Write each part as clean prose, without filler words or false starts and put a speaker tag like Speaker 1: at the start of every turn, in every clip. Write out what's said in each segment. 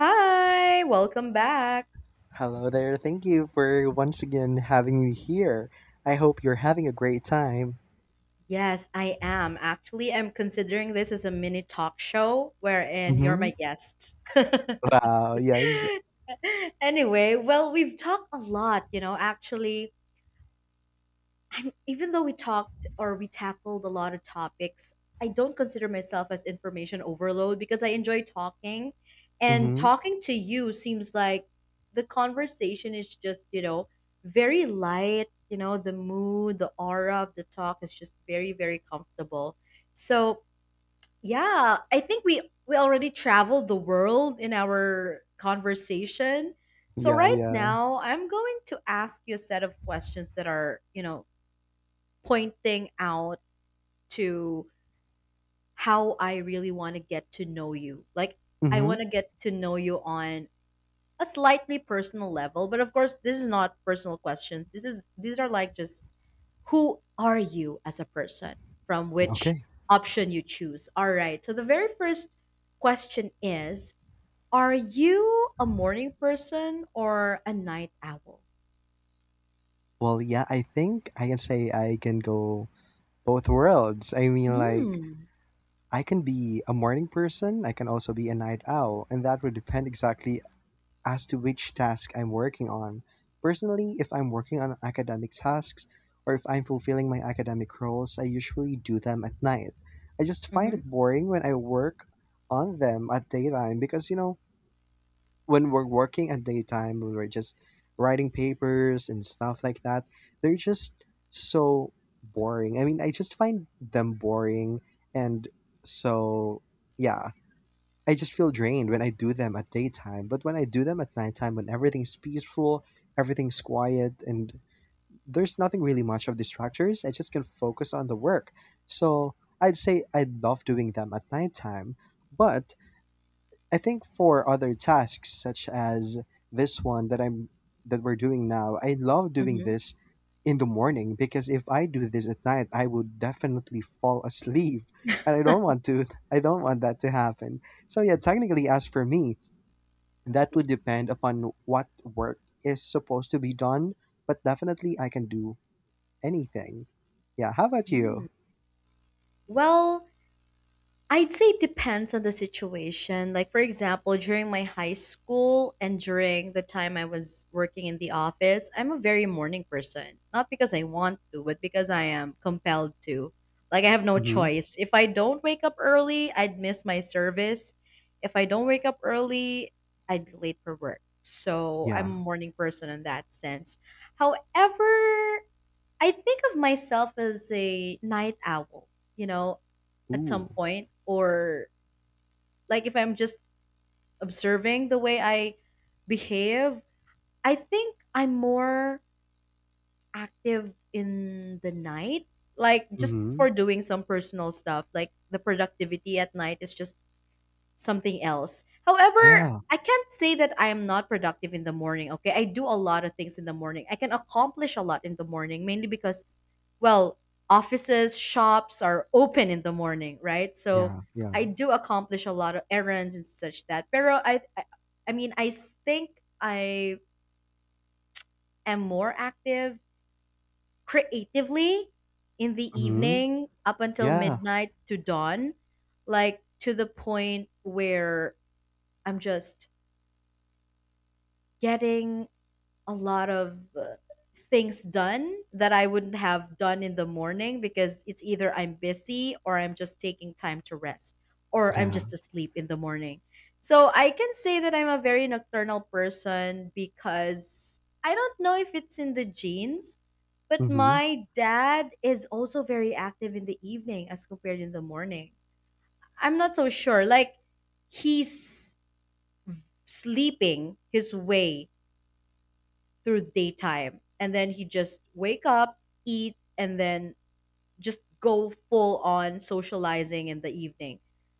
Speaker 1: Hi, welcome back.
Speaker 2: Hello there. Thank you for once again having me here. I hope you're having a great time.
Speaker 1: Yes, I am. Actually, I'm considering this as a mini talk show wherein you're
Speaker 2: Mm-hmm.
Speaker 1: my guest.
Speaker 2: Wow, yes.
Speaker 1: We've talked a lot, actually, even though we talked or we tackled a lot of topics, I don't consider myself as information overload because I enjoy talking. And
Speaker 2: Mm-hmm.
Speaker 1: talking to you seems like the conversation is just, very light. The mood, the aura of the talk is just very, very comfortable. So, yeah, I think we already traveled the world in our conversation. So
Speaker 2: Yeah,
Speaker 1: right
Speaker 2: yeah.
Speaker 1: now, I'm going to ask you a set of questions that are, pointing out to how I really want to get to know you. Like I want
Speaker 2: Mm-hmm.
Speaker 1: to get to know you on a slightly personal level, but of course this is not personal questions. This is These are like just who are you as a person from which
Speaker 2: Okay.
Speaker 1: option you choose. All right. So the very first question is, are you a morning person or a night owl?
Speaker 2: Well, yeah, I think I can say I can go both worlds. I mean, like,
Speaker 1: Mm.
Speaker 2: I can be a morning person, I can also be a night owl, and that would depend exactly as to which task I'm working on. Personally, if I'm working on academic tasks or if I'm fulfilling my academic roles, I usually do them at night. I just find
Speaker 1: Mm-hmm.
Speaker 2: it boring when I work on them at daytime because, you know, when we're working at daytime, when we're just writing papers and stuff like that, they're just so boring. I mean, I just find them boring. And so, yeah. I just feel drained when I do them at daytime, but when I do them at nighttime, when everything's peaceful, everything's quiet, and there's nothing really much of distractors, I just can focus on the work. So I'd say I love doing them at nighttime, but I think for other tasks such as this one that we're doing now, I love doing
Speaker 1: Mm-hmm.
Speaker 2: this in the morning because if I do this at night, I would definitely fall asleep. And I don't want to I don't want that to happen. So yeah, technically as for me, that would depend upon what work is supposed to be done, but definitely I can do anything. Yeah, how about you?
Speaker 1: Mm. Well, I'd say it depends on the situation. Like, for example, during my high school and during the time I was working in the office, I'm a very morning person. Not because I want to, but because I am compelled to. Like, I have no
Speaker 2: Mhm.
Speaker 1: choice. If I don't wake up early, I'd miss my service. If I don't wake up early, I'd be late for work. So, I'm a
Speaker 2: Yeah.
Speaker 1: morning person in that sense. However, I think of myself as a night owl, you know, at
Speaker 2: Ooh.
Speaker 1: some point, or like if I'm just observing the way I behave, I think I'm more active in the night, like just
Speaker 2: Mhm.
Speaker 1: for doing some personal stuff. Like the productivity at night is just something else. However,
Speaker 2: Yeah.
Speaker 1: I can't say that I am not productive in the morning, okay? I do a lot of things in the morning. I can accomplish a lot in the morning, mainly because, well, offices, shops are open in the morning, right? So
Speaker 2: Yeah.
Speaker 1: I
Speaker 2: Yeah.
Speaker 1: do accomplish a lot of errands and such that. Pero I mean, I think I am more active creatively in the
Speaker 2: Mhm.
Speaker 1: evening up until
Speaker 2: Yeah.
Speaker 1: midnight to dawn, like to the point where I'm just getting a lot of things done that I wouldn't have done in the morning because it's either I'm busy or I'm just taking time to rest or I'm
Speaker 2: Yeah.
Speaker 1: just asleep in the morning. So I can say that I'm a very nocturnal person because I don't know if it's in the genes, but
Speaker 2: Mhm.
Speaker 1: my dad is also very active in the evening as compared in the morning. I'm not so sure. Like he's sleeping his way through daytime. And then he just wake up, eat, and then just go full on socializing in the evening.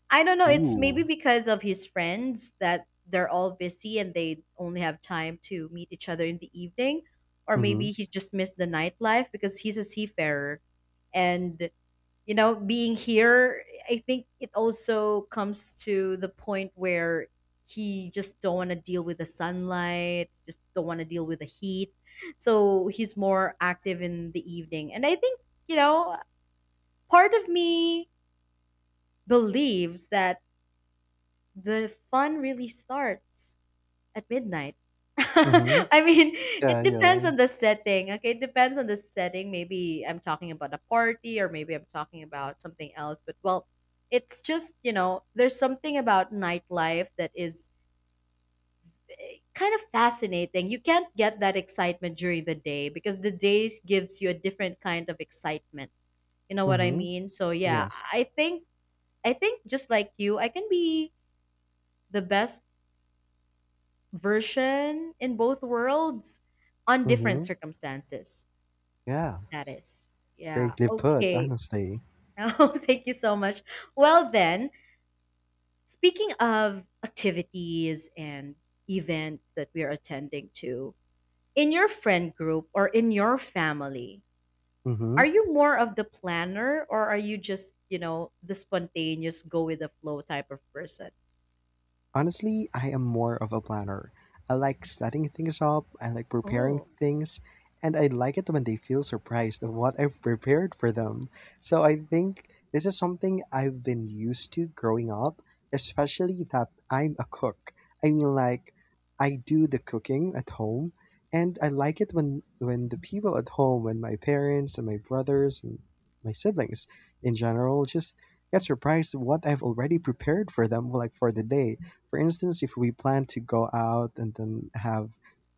Speaker 1: I don't know, it's
Speaker 2: Ooh.
Speaker 1: maybe because of his friends that they're all busy and they only have time to meet each other in the evening. Or
Speaker 2: Mhm.
Speaker 1: maybe he just missed the nightlife because he's a seafarer and, you know, being here, I think it also comes to the point where he just don't want to deal with the sunlight, just don't want to deal with the heat. So he's more active in the evening. And I think, you know part of me believes that the fun really starts at midnight.
Speaker 2: Mhm.
Speaker 1: I mean, it
Speaker 2: Yeah.
Speaker 1: depends
Speaker 2: Yeah.
Speaker 1: on the setting. Okay, it depends on the setting. Maybe I'm talking about a party or maybe I'm talking about something else. But well, it's just, there's something about nightlife that is kind of fascinating. You can't get that excitement during the day because the days gives you a different kind of excitement. You know what I
Speaker 2: Mhm.
Speaker 1: mean? So yeah,
Speaker 2: Yes.
Speaker 1: I think just like you, I can be the best version in both worlds on different
Speaker 2: Mhm.
Speaker 1: circumstances.
Speaker 2: Yeah.
Speaker 1: That is. Yeah.
Speaker 2: Greatly put,
Speaker 1: Okay.
Speaker 2: honestly.
Speaker 1: Oh, thank you so much. Well, then, speaking of activities and events that we are attending to, in your friend group or in your family, are
Speaker 2: Mhm.
Speaker 1: you more of the planner or are you just, the spontaneous go with the flow type of person?
Speaker 2: Honestly, I am more of a planner. I like setting things up, I like preparing
Speaker 1: Oh.
Speaker 2: things, and I like it when they feel surprised at what I've prepared for them. So I think this is something I've been used to growing up, especially that I'm a cook. I mean, like, I do the cooking at home, and I like it when the people at home, when my parents and my brothers and my siblings in general just get surprised at what I've already prepared for them, like for the day. For instance, if we plan to go out and then have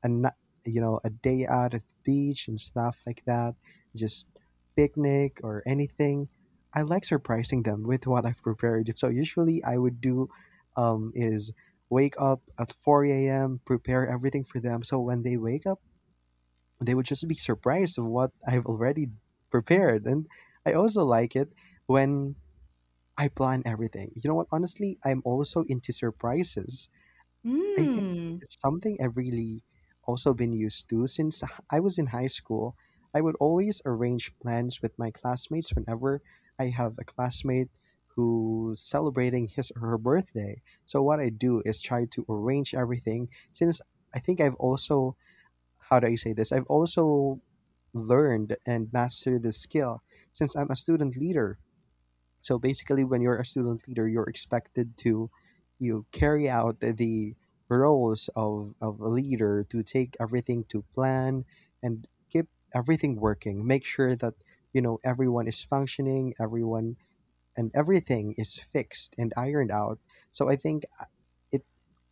Speaker 2: you know, a day out at the beach and stuff like that, just picnic or anything, I like surprising them with what I've prepared. So usually I would do is wake up at 4 a.m., prepare everything for them. So when they wake up, they would just be surprised of what I've already prepared. And I also like it when I plan everything. You know what? Honestly, I'm also into surprises. I think this
Speaker 1: Mm.
Speaker 2: is something I've really also been used to since I was in high school. I would always arrange plans with my classmates whenever I have a classmate who's celebrating his or her birthday. So what I do is try to arrange everything, since I think I've also, how do I say this, I've also learned and mastered the skill since I'm a student leader. So basically, when you're a student leader, you're expected to, you carry out the roles of a leader, to take everything to plan and keep everything working. Make sure that, you know, everyone is functioning, everyone and everything is fixed and ironed out. So I think it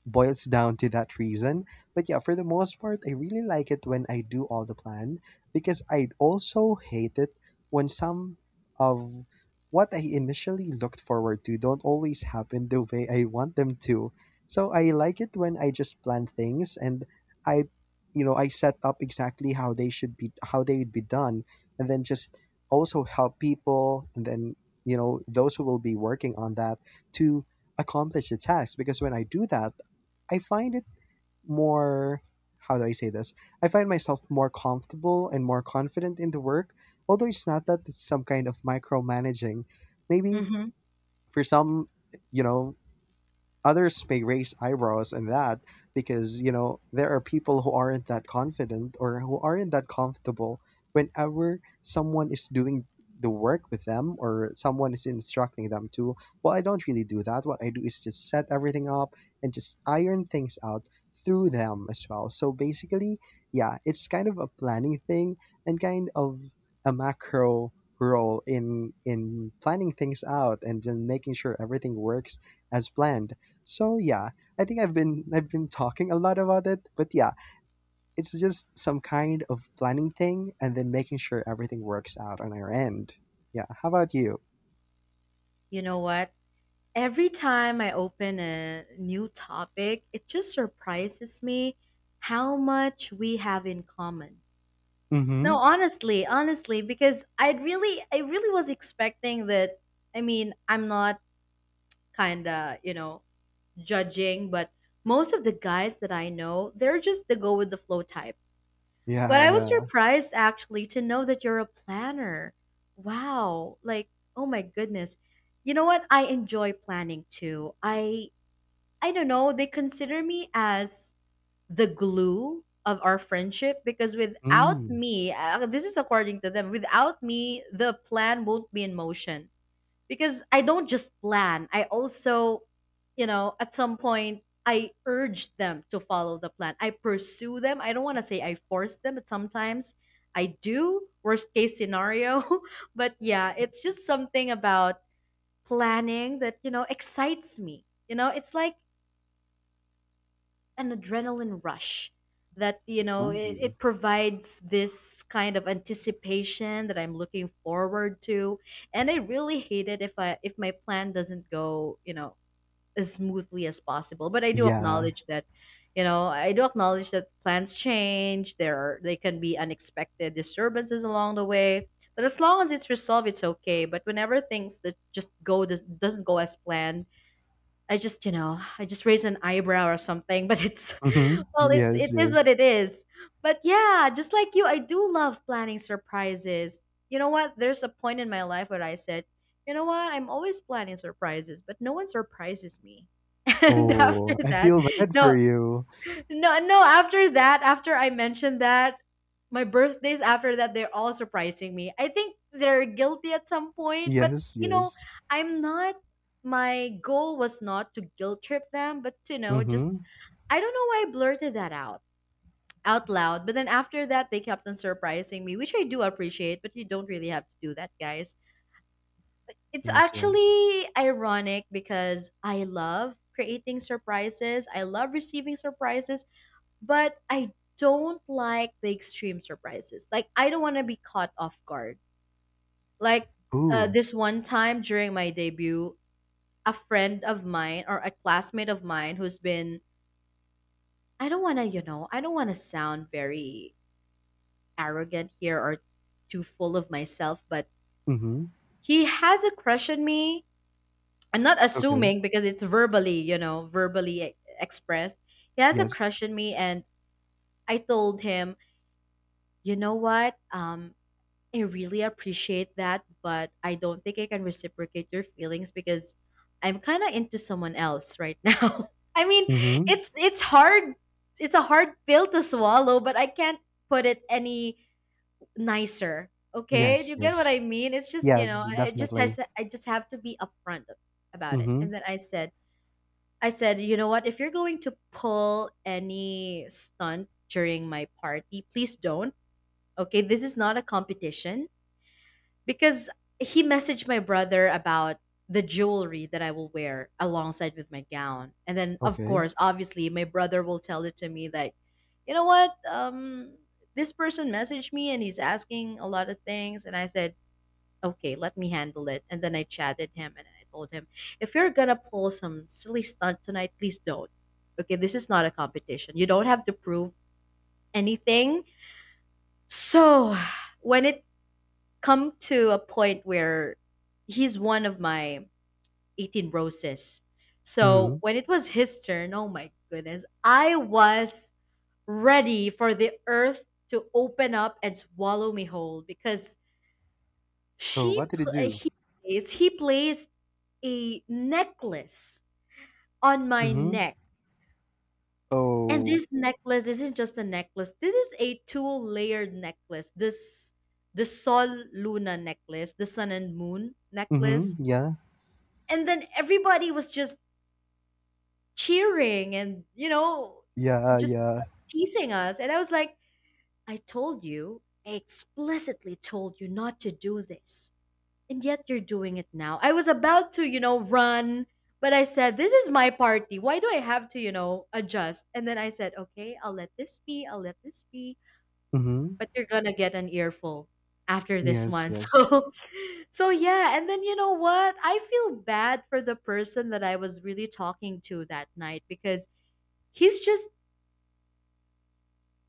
Speaker 2: boils down to that reason. But yeah, for the most part, I really like it when I do all the plan because I also hate it when some of what I initially looked forward to don't always happen the way I want them to. So I like it when I just plan things, and I I set up exactly how they would be done, and then just also help people and then, you know, those who will be working on that, to accomplish the task, because when I do that, I find it more, how do I say this, I find myself more comfortable and more confident in the work. Although it's not that it's some kind of micromanaging, maybe
Speaker 1: Mm-hmm.
Speaker 2: for some, you know, others may raise eyebrows in that, because, you know, there are people who aren't that confident or who aren't that comfortable whenever someone is doing the work with them or someone is instructing them to. Well, I don't really do that. What I do is just set everything up and just iron things out through them as well. So basically, yeah, it's kind of a planning thing and kind of a macro role in planning things out and then making sure everything works as planned. So yeah, I think I've been talking a lot about it, but yeah, it's just some kind of planning thing and then making sure everything works out on our end. Yeah, how about you?
Speaker 1: You know what? Every time I open a new topic, it just surprises me how much we have in common. No,
Speaker 2: Mm-hmm.
Speaker 1: honestly, because I really was expecting that. I mean, I'm not kinda, judging, but most of the guys that I know, they're just the go with the flow type. But
Speaker 2: Yeah,
Speaker 1: I was
Speaker 2: yeah.
Speaker 1: surprised actually to know that you're a planner. Wow, like, oh my goodness. You know what? I enjoy planning too. I don't know, they consider me as the glue of our friendship because without
Speaker 2: Mm.
Speaker 1: me, this is according to them, without me, the plan won't be in motion. Because I don't just plan, I also, at some point, I urge them to follow the plan. I pursue them. I don't want to say I force them, but sometimes I do, worst case scenario. But yeah, it's just something about planning that, excites me. You know, it's like an adrenaline rush that, you know,
Speaker 2: Ooh.
Speaker 1: it provides this kind of anticipation that I'm looking forward to. And I really hate it if my plan doesn't go, as smoothly as possible. But I do
Speaker 2: Yeah.
Speaker 1: acknowledge that, I do acknowledge that plans change. There are They can be unexpected disturbances along the way, but as long as it's resolved, it's okay. But whenever things that just go doesn't go as planned, I just, I just raise an eyebrow or something. But it's, well,
Speaker 2: Mm-hmm.
Speaker 1: it's
Speaker 2: Yes,
Speaker 1: it is
Speaker 2: yes.
Speaker 1: what it is. But yeah, just like you, I do love planning surprises. You know what? There's a point in my life where I said, you know what? I'm always planning surprises, but no one surprises me. And after
Speaker 2: Oh, I
Speaker 1: that,
Speaker 2: feel bad for
Speaker 1: no,
Speaker 2: you.
Speaker 1: no, no. After that, after I mentioned that, my birthdays after that, they're all surprising me. I think they're guilty at some point, but
Speaker 2: Yes,
Speaker 1: you know,
Speaker 2: yes.
Speaker 1: I'm not. My goal was not to guilt trip them, but you know,
Speaker 2: Mm-hmm.
Speaker 1: just I don't know why I blurted that out out loud. But then after that, they kept on surprising me, which I do appreciate, but you don't really have to do that, guys. It's
Speaker 2: Yes, yes.
Speaker 1: actually ironic because I love creating surprises, I love receiving surprises, but I don't like the extreme surprises. Like, I don't want to be caught off guard. Like,
Speaker 2: Ooh.
Speaker 1: this one time during my debut, a friend of mine or a classmate of mine who's been I don't want to, I don't want to sound very arrogant here or too full of myself, but
Speaker 2: Mm-hmm.
Speaker 1: he has a crush on me. I'm not
Speaker 2: Okay.
Speaker 1: assuming because it's verbally, verbally expressed. He has a
Speaker 2: Yes.
Speaker 1: crush on me, and I told him, you know what? I really appreciate that, but I don't think I can reciprocate your feelings because I'm kind of into someone else right now. I mean,
Speaker 2: Mm-hmm.
Speaker 1: it's hard. It's a hard pill to swallow, but I can't put it any nicer. Okay, do
Speaker 2: Yes,
Speaker 1: you get what
Speaker 2: yes.
Speaker 1: I mean? It's just, you know,
Speaker 2: Yes, definitely.
Speaker 1: said- I just have to be upfront about it. And
Speaker 2: Mm-hmm.
Speaker 1: then I said, you know what? If you're going to pull any stunt during my party, please don't. Okay, this is not a competition because he messaged my brother about the jewelry that I will wear alongside with my gown. And then of
Speaker 2: Okay.
Speaker 1: course, obviously, my brother will tell it to me that, you know what? This person messaged me and he's asking a lot of things, and I said, okay, let me handle it. And then I chatted him and I told him, if you're gonna pull some silly stunt tonight, please don't. Okay, this is not a competition. You don't have to prove anything. So when it come to a point where he's one of my 18 roses.
Speaker 2: Mm-hmm.
Speaker 1: So when it was his turn, oh my goodness, I was ready for the earth to open up and swallow me whole because
Speaker 2: Oh,
Speaker 1: she
Speaker 2: what did it
Speaker 1: pl-
Speaker 2: do?
Speaker 1: he he plays a necklace on my
Speaker 2: Mm-hmm.
Speaker 1: neck. And
Speaker 2: Oh.
Speaker 1: this necklace isn't just a necklace. This is a two-layered necklace. This the Sol Luna necklace, the Sun and Moon necklace.
Speaker 2: Mm-hmm. Yeah.
Speaker 1: And then everybody was just cheering and, you know,
Speaker 2: Yeah,
Speaker 1: just
Speaker 2: yeah.
Speaker 1: teasing us. And I was like, I told you, I explicitly told you not to do this. And yet you're doing it now. I was about to, you know, run, but I said, this is my party. Why do I have to, you know, adjust? And then I said, okay, I'll let this be. I'll let this be.
Speaker 2: Mm-hmm.
Speaker 1: But you're going to get an earful after this
Speaker 2: Yes,
Speaker 1: one.
Speaker 2: yes.
Speaker 1: So yeah. And then you know what? I feel bad for the person that I was really talking to that night because he's just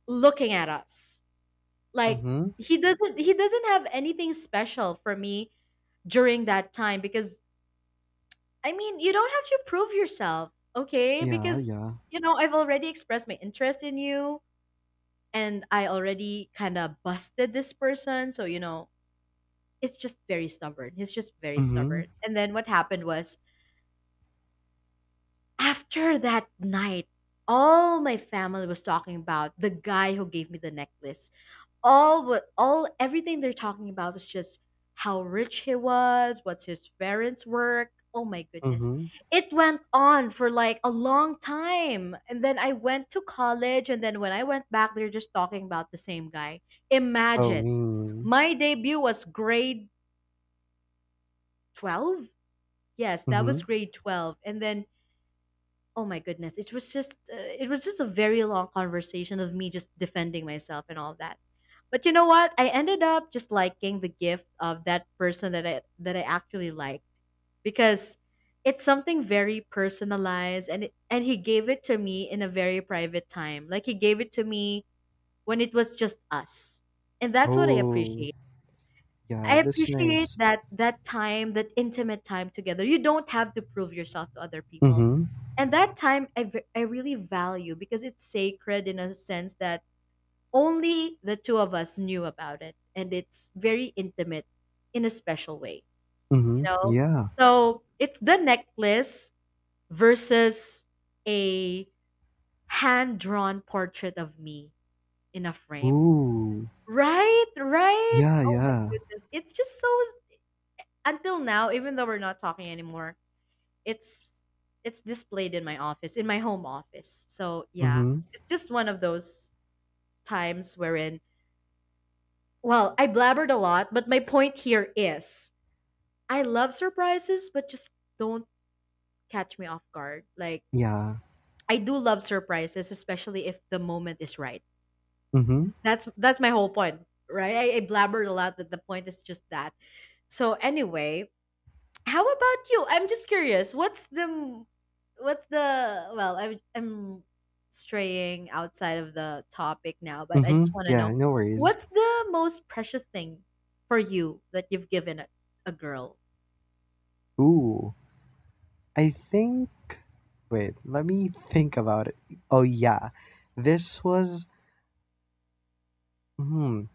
Speaker 1: looking at us. Like
Speaker 2: Mm-hmm.
Speaker 1: he doesn't have anything special for me during that time because I mean, you don't have to prove yourself, okay?
Speaker 2: Yeah,
Speaker 1: Because,
Speaker 2: yeah.
Speaker 1: you know, I've already expressed my interest in you and I already kind of busted this person. So, it's just very stubborn. He's just very
Speaker 2: Mm-hmm.
Speaker 1: stubborn. And then what happened was after that night, all my family was talking about the guy who gave me the necklace. All everything they're talking about was just how rich he was, what's his parents' work. Oh my goodness.
Speaker 2: Mm-hmm.
Speaker 1: It went on for like a long time. And then I went to college and then when I went back, they're just talking about the same guy.
Speaker 2: Oh,
Speaker 1: Imagine.
Speaker 2: mean.
Speaker 1: My debut was grade 12. Yes, that was
Speaker 2: Mm-hmm.
Speaker 1: grade 12. And then oh my goodness, it was just a very long conversation of me just defending myself and all that, but you know what, I ended up just liking the gift of that person that I actually like, because it's something very personalized, and he gave it to me in a very private time, like he gave it to me when it was just us, and that's what I
Speaker 2: Oh,
Speaker 1: appreciate. I
Speaker 2: yeah, that's
Speaker 1: appreciate
Speaker 2: nice.
Speaker 1: that time, that intimate time together. You don't have to prove yourself to other people.
Speaker 2: Mm-hmm.
Speaker 1: And that time I really value because it's sacred in a sense that only the two of us knew about it, and it's very intimate in a special way, you
Speaker 2: Mm-hmm.
Speaker 1: know.
Speaker 2: Yeah.
Speaker 1: So, it's the necklace versus a hand-drawn portrait of me in a frame.
Speaker 2: Ooh.
Speaker 1: Right, right.
Speaker 2: Yeah,
Speaker 1: Oh my
Speaker 2: yeah.
Speaker 1: goodness. It's just so, until now, even though we're not talking anymore, it's it's displayed in my office, in my home office. So yeah,
Speaker 2: Mm-hmm.
Speaker 1: it's just one of those times wherein, well, I blabbered a lot, but my point here is, I love surprises, but just don't catch me off guard. Like,
Speaker 2: Yeah.
Speaker 1: I do love surprises, especially if the moment is right.
Speaker 2: Mm-hmm.
Speaker 1: That's my whole point, right? I blabbered a lot, but the point is just that. So anyway, how about you? I'm just curious. What's the Well, I'm straying outside of the topic now, but I just
Speaker 2: Mm-hmm.
Speaker 1: want to
Speaker 2: Yeah,
Speaker 1: know
Speaker 2: no worries.
Speaker 1: what's the most precious thing for you that you've given a girl?
Speaker 2: Ooh. I think. Wait, let me think about it. Oh, yeah. This was. Hmm.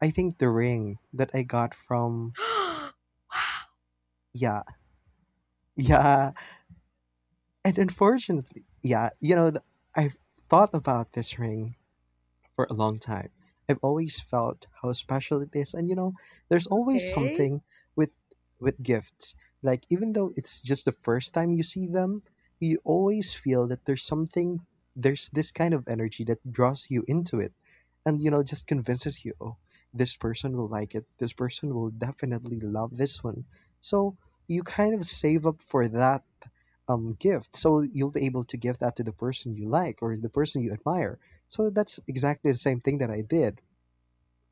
Speaker 2: I think the ring that I got from,
Speaker 1: Wow.
Speaker 2: yeah, yeah, and unfortunately, yeah, you know, I've thought about this ring for a long time. I've always felt how special it is, and, you know, there's always
Speaker 1: Okay.
Speaker 2: something with with gifts. Like, even though it's just the first time you see them, you always feel that there's something, there's this kind of energy that draws you into it, and, you know, just convinces you, oh, this person will like it, this person will definitely love this one. So you kind of save up for that gift, so you'll be able to give that to the person you like or the person you admire. So that's exactly the same thing that I did.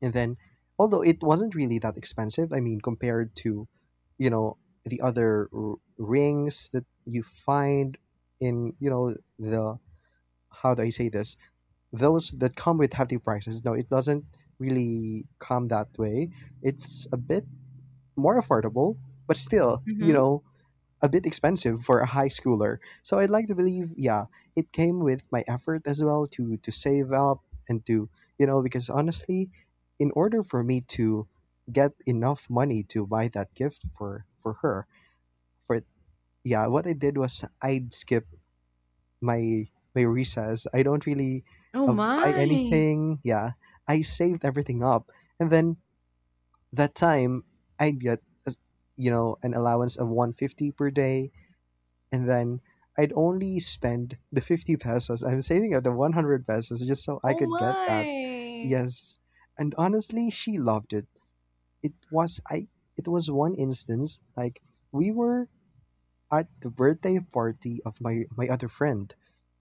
Speaker 2: And then, although it wasn't really that expensive, I mean, compared to, you know, the other rings that you find in, you know, the, how do I say this, those that come with hefty prices. No, it doesn't really come that way. It's a bit more affordable, but still, you
Speaker 1: Mhm.
Speaker 2: know, a bit expensive for a high schooler. So I'd like to believe, yeah, it came with my effort as well, to save up and to, you know, because honestly, in order for me to get enough money to buy that gift for her, for, yeah, what I did was I'd skip my my recess. I don't really
Speaker 1: Oh
Speaker 2: buy
Speaker 1: my.
Speaker 2: anything. Yeah, I saved everything up, and then that time I'd get an allowance of 150 per day, and then I'd only spend the 50 pesos. I'm saving up the 100 pesos just so I
Speaker 1: Oh
Speaker 2: could get that.
Speaker 1: my.
Speaker 2: Yes. And honestly, she loved it. It was I it was one instance, like, we were at the birthday party of my other friend,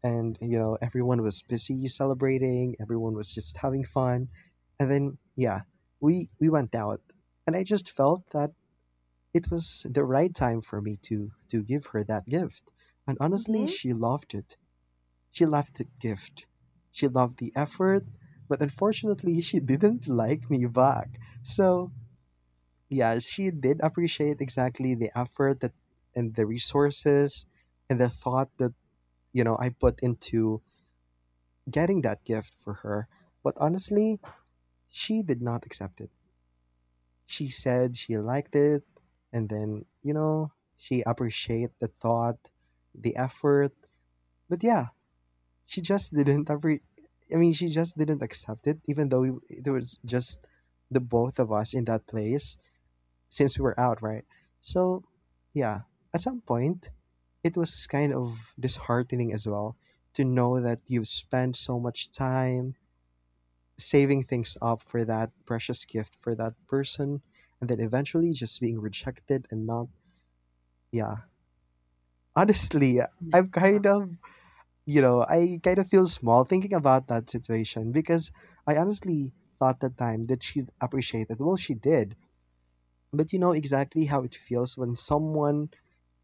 Speaker 2: and, you know, everyone was busy celebrating, everyone was just having fun. And then, yeah, we went out, and I just felt that it was the right time for me to give her that gift. And
Speaker 1: Mhm.
Speaker 2: honestly,
Speaker 1: Oh
Speaker 2: she loved it. She loved the gift. She loved the effort, but unfortunately, she didn't like me back. So, yeah, she did appreciate exactly the effort that, and the resources, and the thought that, you know, I put into getting that gift for her. But honestly, she did not accept it. She said she liked it and then, you know, she appreciated the thought, the effort, but yeah, she just didn't. I mean, she just didn't accept it, even though it was just the both of us in that place, since we were out, right? So yeah, at some point it was kind of disheartening as well, to know that you've spent so much time saving things up for that precious gift for that person, and then eventually just being rejected, and not, yeah. Honestly,
Speaker 1: my.
Speaker 2: i'm
Speaker 1: God.
Speaker 2: kind of I kind of feel small thinking about that situation, because I honestly thought, that time, that she'd appreciate it. Well, she did, but you know exactly how it feels when someone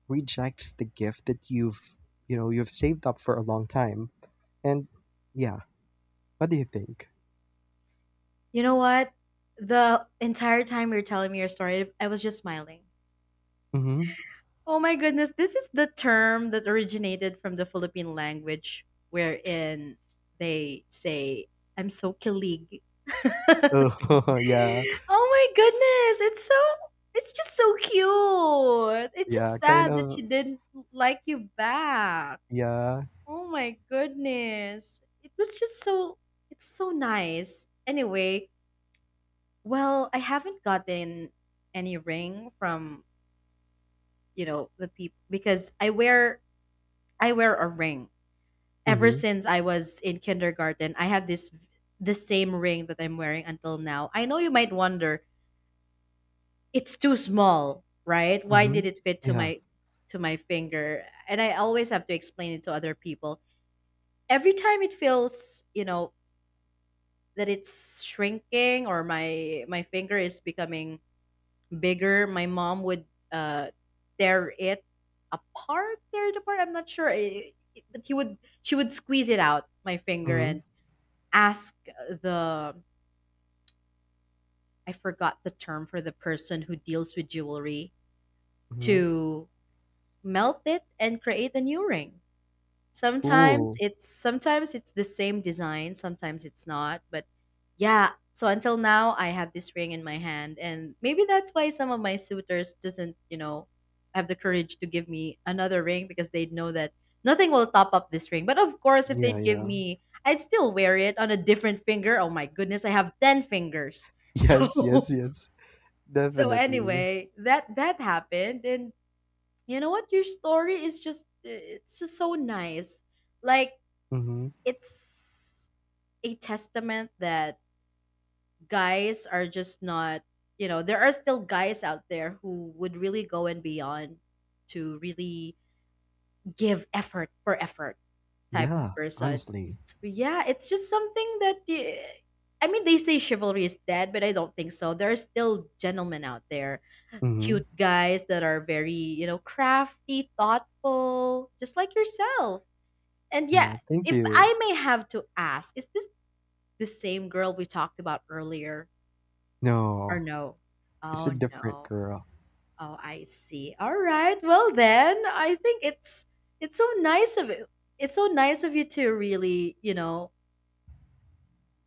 Speaker 2: rejects the gift that you've you know you've saved up for a long time. And, yeah, what do you think?
Speaker 1: You know what? The entire time you're telling me your story, I was just smiling.
Speaker 2: Mm-hmm.
Speaker 1: Oh my goodness, this is the term that originated from the Philippine language wherein they say I'm so kilig.
Speaker 2: Oh, yeah.
Speaker 1: Oh my goodness, it's so, it's just so cute. It's
Speaker 2: Yeah,
Speaker 1: just
Speaker 2: kind
Speaker 1: sad that she
Speaker 2: of.
Speaker 1: didn't like you back.
Speaker 2: Yeah.
Speaker 1: Oh my goodness. It was just so, it's so nice. Anyway, well, I haven't gotten any ring from the people because I wear a ring. Ever
Speaker 2: Mhm,
Speaker 1: since I was in kindergarten, I have this the same ring that I'm wearing until now. I know you might wonder, it's too small, right? Why did
Speaker 2: mhm.
Speaker 1: it fit to
Speaker 2: Yeah.
Speaker 1: my finger? And I always have to explain it to other people. Every time it feels, you know, that it's shrinking or my finger is becoming bigger, my mom would uh tear it apart, tear it apart. I'm not sure. But he would she would squeeze it out my finger
Speaker 2: Mhm,
Speaker 1: and ask the I forgot the term for the person who deals with jewelry,
Speaker 2: mhm.
Speaker 1: to melt it and create a new ring. Sometimes
Speaker 2: Cool.
Speaker 1: it's sometimes it's the same design, sometimes it's not, but yeah, so until now I have this ring in my hand, and maybe that's why some of my suitors doesn't, you know, have the courage to give me another ring, because they know that nothing will top up this ring. But of course, if
Speaker 2: Yeah,
Speaker 1: they'd give
Speaker 2: yeah.
Speaker 1: me, I'd still wear it on a different finger. Oh my goodness, I have 10 fingers.
Speaker 2: Yes, yes,
Speaker 1: So
Speaker 2: yes.
Speaker 1: so
Speaker 2: Definitely.
Speaker 1: anyway, that happened and you know what? Your story is just so nice. Like,
Speaker 2: Mhm.
Speaker 1: it's a testament that guys are just not, there are still guys out there who would really go and beyond to really give effort for effort type of
Speaker 2: Yeah,
Speaker 1: person.
Speaker 2: honestly.
Speaker 1: So yeah, it's just something that I mean, they say chivalry is dead, but I don't think so. There are still gentlemen out there,
Speaker 2: Mhm.
Speaker 1: cute guys that are very, you know, crafty, thoughtful, just like yourself. And yeah,
Speaker 2: Yeah, thank
Speaker 1: if
Speaker 2: you.
Speaker 1: I may have to ask, is this the same girl we talked about earlier or
Speaker 2: No,
Speaker 1: no?
Speaker 2: it's
Speaker 1: Oh
Speaker 2: a different
Speaker 1: no.
Speaker 2: girl.
Speaker 1: Oh, I see. All right. Well then, I think it's so nice of you. It's so nice of you to really, you know,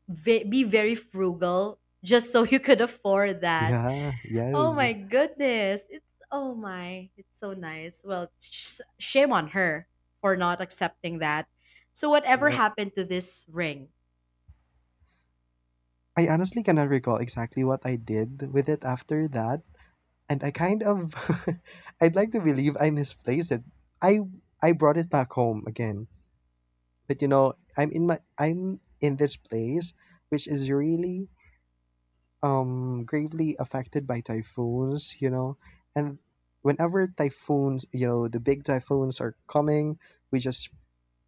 Speaker 1: be very frugal just so you could afford that.
Speaker 2: Yeah,
Speaker 1: Oh
Speaker 2: yes.
Speaker 1: my goodness. It's, oh my. It's so nice. Well, shame on her for not accepting that. So whatever
Speaker 2: Well,
Speaker 1: happened to this ring?
Speaker 2: I honestly cannot recall exactly what I did with it after that, and I kind of I'd like to believe I misplaced it. I I brought it back home again. But, you know, I'm in this place which is really gravely affected by typhoons, you know, and whenever typhoons, you know, the big typhoons are coming, we just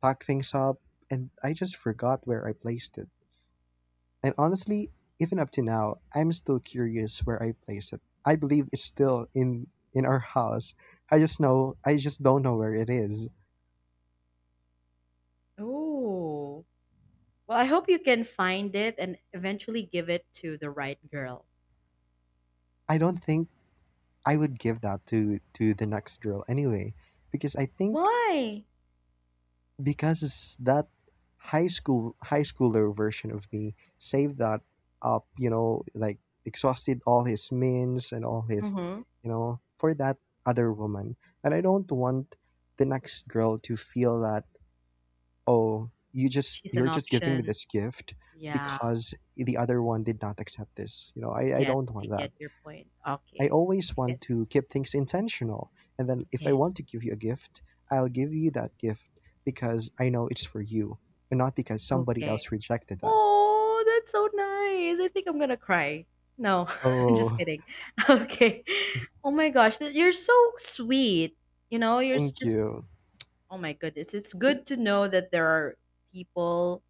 Speaker 2: pack things up, and I just forgot where I placed it. And honestly, even up to now I'm still curious where I placed it. I believe it's still in our house, I just know, I just don't know where it is.
Speaker 1: Oh. Well, I hope you can find it and eventually give it to the right girl.
Speaker 2: I don't think I would give that to the next girl anyway, because I think
Speaker 1: Why?
Speaker 2: because that high schooler version of me saved that up, you know, like, exhausted all his means and all his,
Speaker 1: Mm-hmm.
Speaker 2: you know, for that other woman, and I don't want the next girl to feel that, oh,
Speaker 1: She's an
Speaker 2: you're just giving me
Speaker 1: option.
Speaker 2: this gift
Speaker 1: Yeah,
Speaker 2: because the other one did not accept this, you know. I
Speaker 1: get
Speaker 2: don't
Speaker 1: I
Speaker 2: want that.
Speaker 1: get your point.
Speaker 2: I
Speaker 1: Okay,
Speaker 2: always
Speaker 1: I get
Speaker 2: want
Speaker 1: your,
Speaker 2: to keep things intentional. And then if I want to
Speaker 1: yes.
Speaker 2: give you a gift, I'll give you that gift because I know it's for you, and not because somebody
Speaker 1: Okay.
Speaker 2: else rejected that.
Speaker 1: Oh, that's so nice. I think I'm gonna cry. No, I'm just
Speaker 2: Oh,
Speaker 1: kidding. Okay. Oh my gosh, you're so sweet. You know, you're
Speaker 2: thank
Speaker 1: just.
Speaker 2: you.
Speaker 1: Oh my goodness, it's good to know that there are people,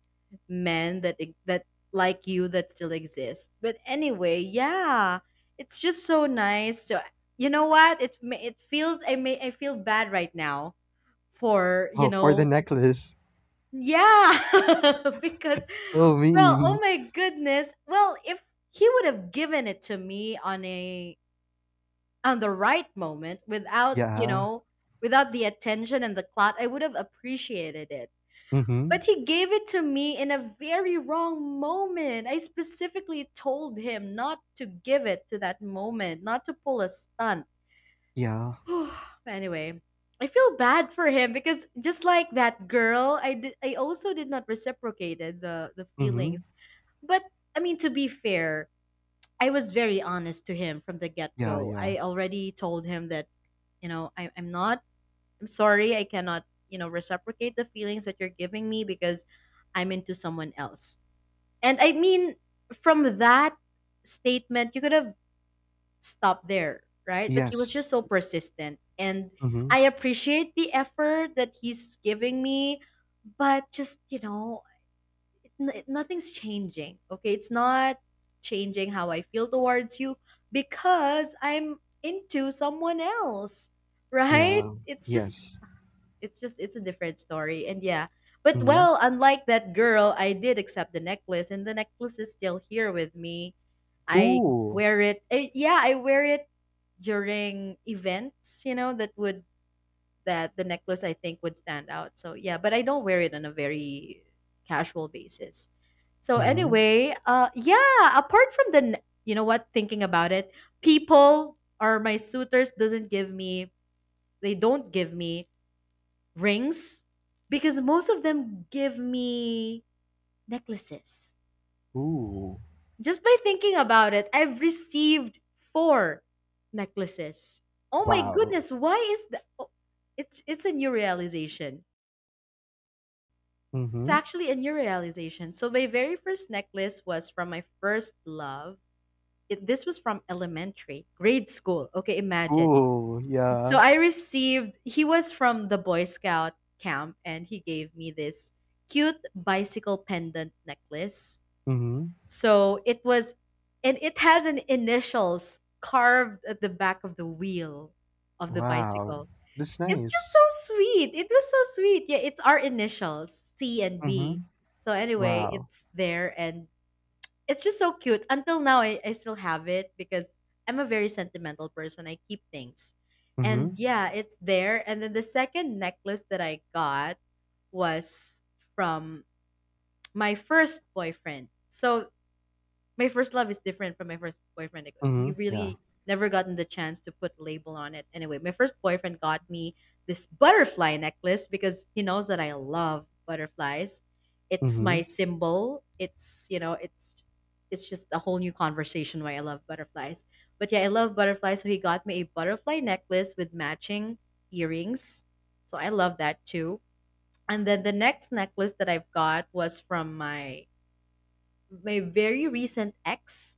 Speaker 1: men that like you that still exist. But anyway, yeah, it's just so nice. So you know what? It feels, I feel bad right now for, you
Speaker 2: Oh, for the
Speaker 1: know,
Speaker 2: necklace.
Speaker 1: yeah, because
Speaker 2: Oh,
Speaker 1: well, oh
Speaker 2: mean.
Speaker 1: my goodness, well if he would have given it to me on a, on the right moment without, you
Speaker 2: Yeah.
Speaker 1: know, without the attention and the clout, I would have appreciated it,
Speaker 2: Mm-hmm.
Speaker 1: but he gave it to me in a very wrong moment. I specifically told him not to give it to that moment, not to pull a stunt.
Speaker 2: Yeah.
Speaker 1: But anyway, I feel bad for him because just like that girl, I also did not reciprocate the
Speaker 2: Mm-hmm.
Speaker 1: feelings. But I mean, to be fair, I was very honest to him from the
Speaker 2: Yeah,
Speaker 1: get-go.
Speaker 2: yeah.
Speaker 1: I already told him that, you know, I'm not, I'm sorry, I cannot, you know, reciprocate the feelings that you're giving me, because I'm into someone else. And I mean, from that statement, you could have stopped there, right? But he was
Speaker 2: Yes.
Speaker 1: just so persistent. And
Speaker 2: Mm-hmm.
Speaker 1: I appreciate the effort that he's giving me, but just, you know, nothing's changing. Okay. It's not changing how I feel towards you because I'm into someone else, right?
Speaker 2: Yeah.
Speaker 1: It's just
Speaker 2: Yes.
Speaker 1: it's just it's a different story, and yeah, but
Speaker 2: Mm-hmm.
Speaker 1: well, unlike that girl, I did accept the necklace, and the necklace is still here with me. I
Speaker 2: Cool.
Speaker 1: wear it during events, you know, that the necklace I think would stand out, so yeah, but I don't wear it on a very casual basis. So
Speaker 2: Mm-hmm.
Speaker 1: anyway, yeah, apart from the you know what, thinking about it, people, or my suitors doesn't give me, they don't give me rings? Because most of them give me necklaces.
Speaker 2: Ooh.
Speaker 1: Just by thinking about it, I've received four necklaces. Oh my
Speaker 2: Wow.
Speaker 1: goodness, why is that? Oh, it's a new realization. It's
Speaker 2: Mm-hmm.
Speaker 1: actually a new realization. So my very first necklace was from my first love. This was from elementary, grade school. Okay, imagine.
Speaker 2: Cool.
Speaker 1: So
Speaker 2: Yeah.
Speaker 1: I received, he was from the Boy Scout camp and he gave me this cute bicycle pendant necklace.
Speaker 2: Mm-hmm.
Speaker 1: So it was, and it has an initials carved at the back of the wheel of the
Speaker 2: Wow,
Speaker 1: bicycle.
Speaker 2: that's
Speaker 1: It's just
Speaker 2: nice.
Speaker 1: so sweet. It was so sweet. Yeah, it's our initials, C and B.
Speaker 2: Mhm.
Speaker 1: So anyway,
Speaker 2: Wow.
Speaker 1: it's there, and it's just so cute. Until now, I still have it because I'm a very sentimental person. I keep things. And
Speaker 2: Mhm.
Speaker 1: yeah, it's there. And then the second necklace that I got was from my first boyfriend. So my first love is different from my first boyfriend. Like, we
Speaker 2: Mhm. Yeah.
Speaker 1: really never gotten the chance to put label on it. Anyway, my first boyfriend got me this butterfly necklace because he knows that I love butterflies. It's
Speaker 2: Mhm.
Speaker 1: my symbol. It's, you know, it's just a whole new conversation why I love butterflies. But yeah, I love butterflies. So he got me a butterfly necklace with matching earrings. So I love that too. And then the next necklace that I've got was from my very recent ex,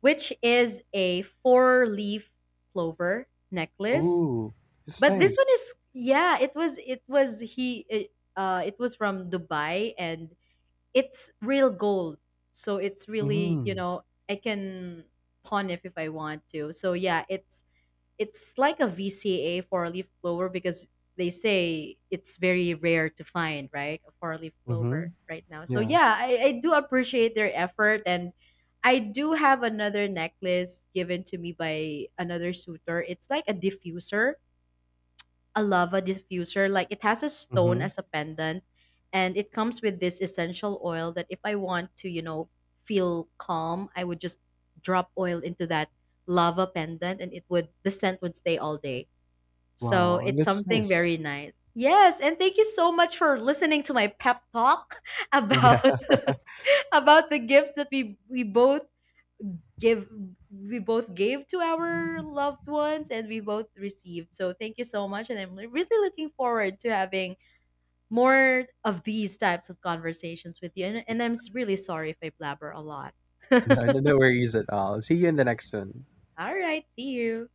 Speaker 1: which is a four leaf clover necklace.
Speaker 2: Ooh, it's
Speaker 1: But this one
Speaker 2: nice.
Speaker 1: is, yeah, it was, it was he it, it was from Dubai and it's real gold. So it's really, you
Speaker 2: Mhm.
Speaker 1: know, I can pawn if I want to. So yeah, it's like a VCA for a leaf blower because they say it's very rare to find, right? A four leaf blower
Speaker 2: Mhm.
Speaker 1: right now. So
Speaker 2: Yeah.
Speaker 1: yeah, I do appreciate their effort, and I do have another necklace given to me by another suitor. It's like a diffuser, a lava diffuser. Like it has a stone
Speaker 2: Mhm.
Speaker 1: as a pendant, and it comes with this essential oil that if I want to, you know, feel calm, I would just drop oil into that lava pendant, and it would, the scent would stay all day. So
Speaker 2: Wow,
Speaker 1: it's
Speaker 2: that's
Speaker 1: something
Speaker 2: nice.
Speaker 1: very nice. Yes, and thank you so much for listening to my pep talk
Speaker 2: Yeah.
Speaker 1: about about the gifts that give we both gave to our loved ones and we both received. So thank you so much, and I'm really looking forward to having more of these types of conversations with you, and, I'm really sorry if I blabber a lot. All
Speaker 2: No, no, no worries at all. See you in the next one.
Speaker 1: right, see you.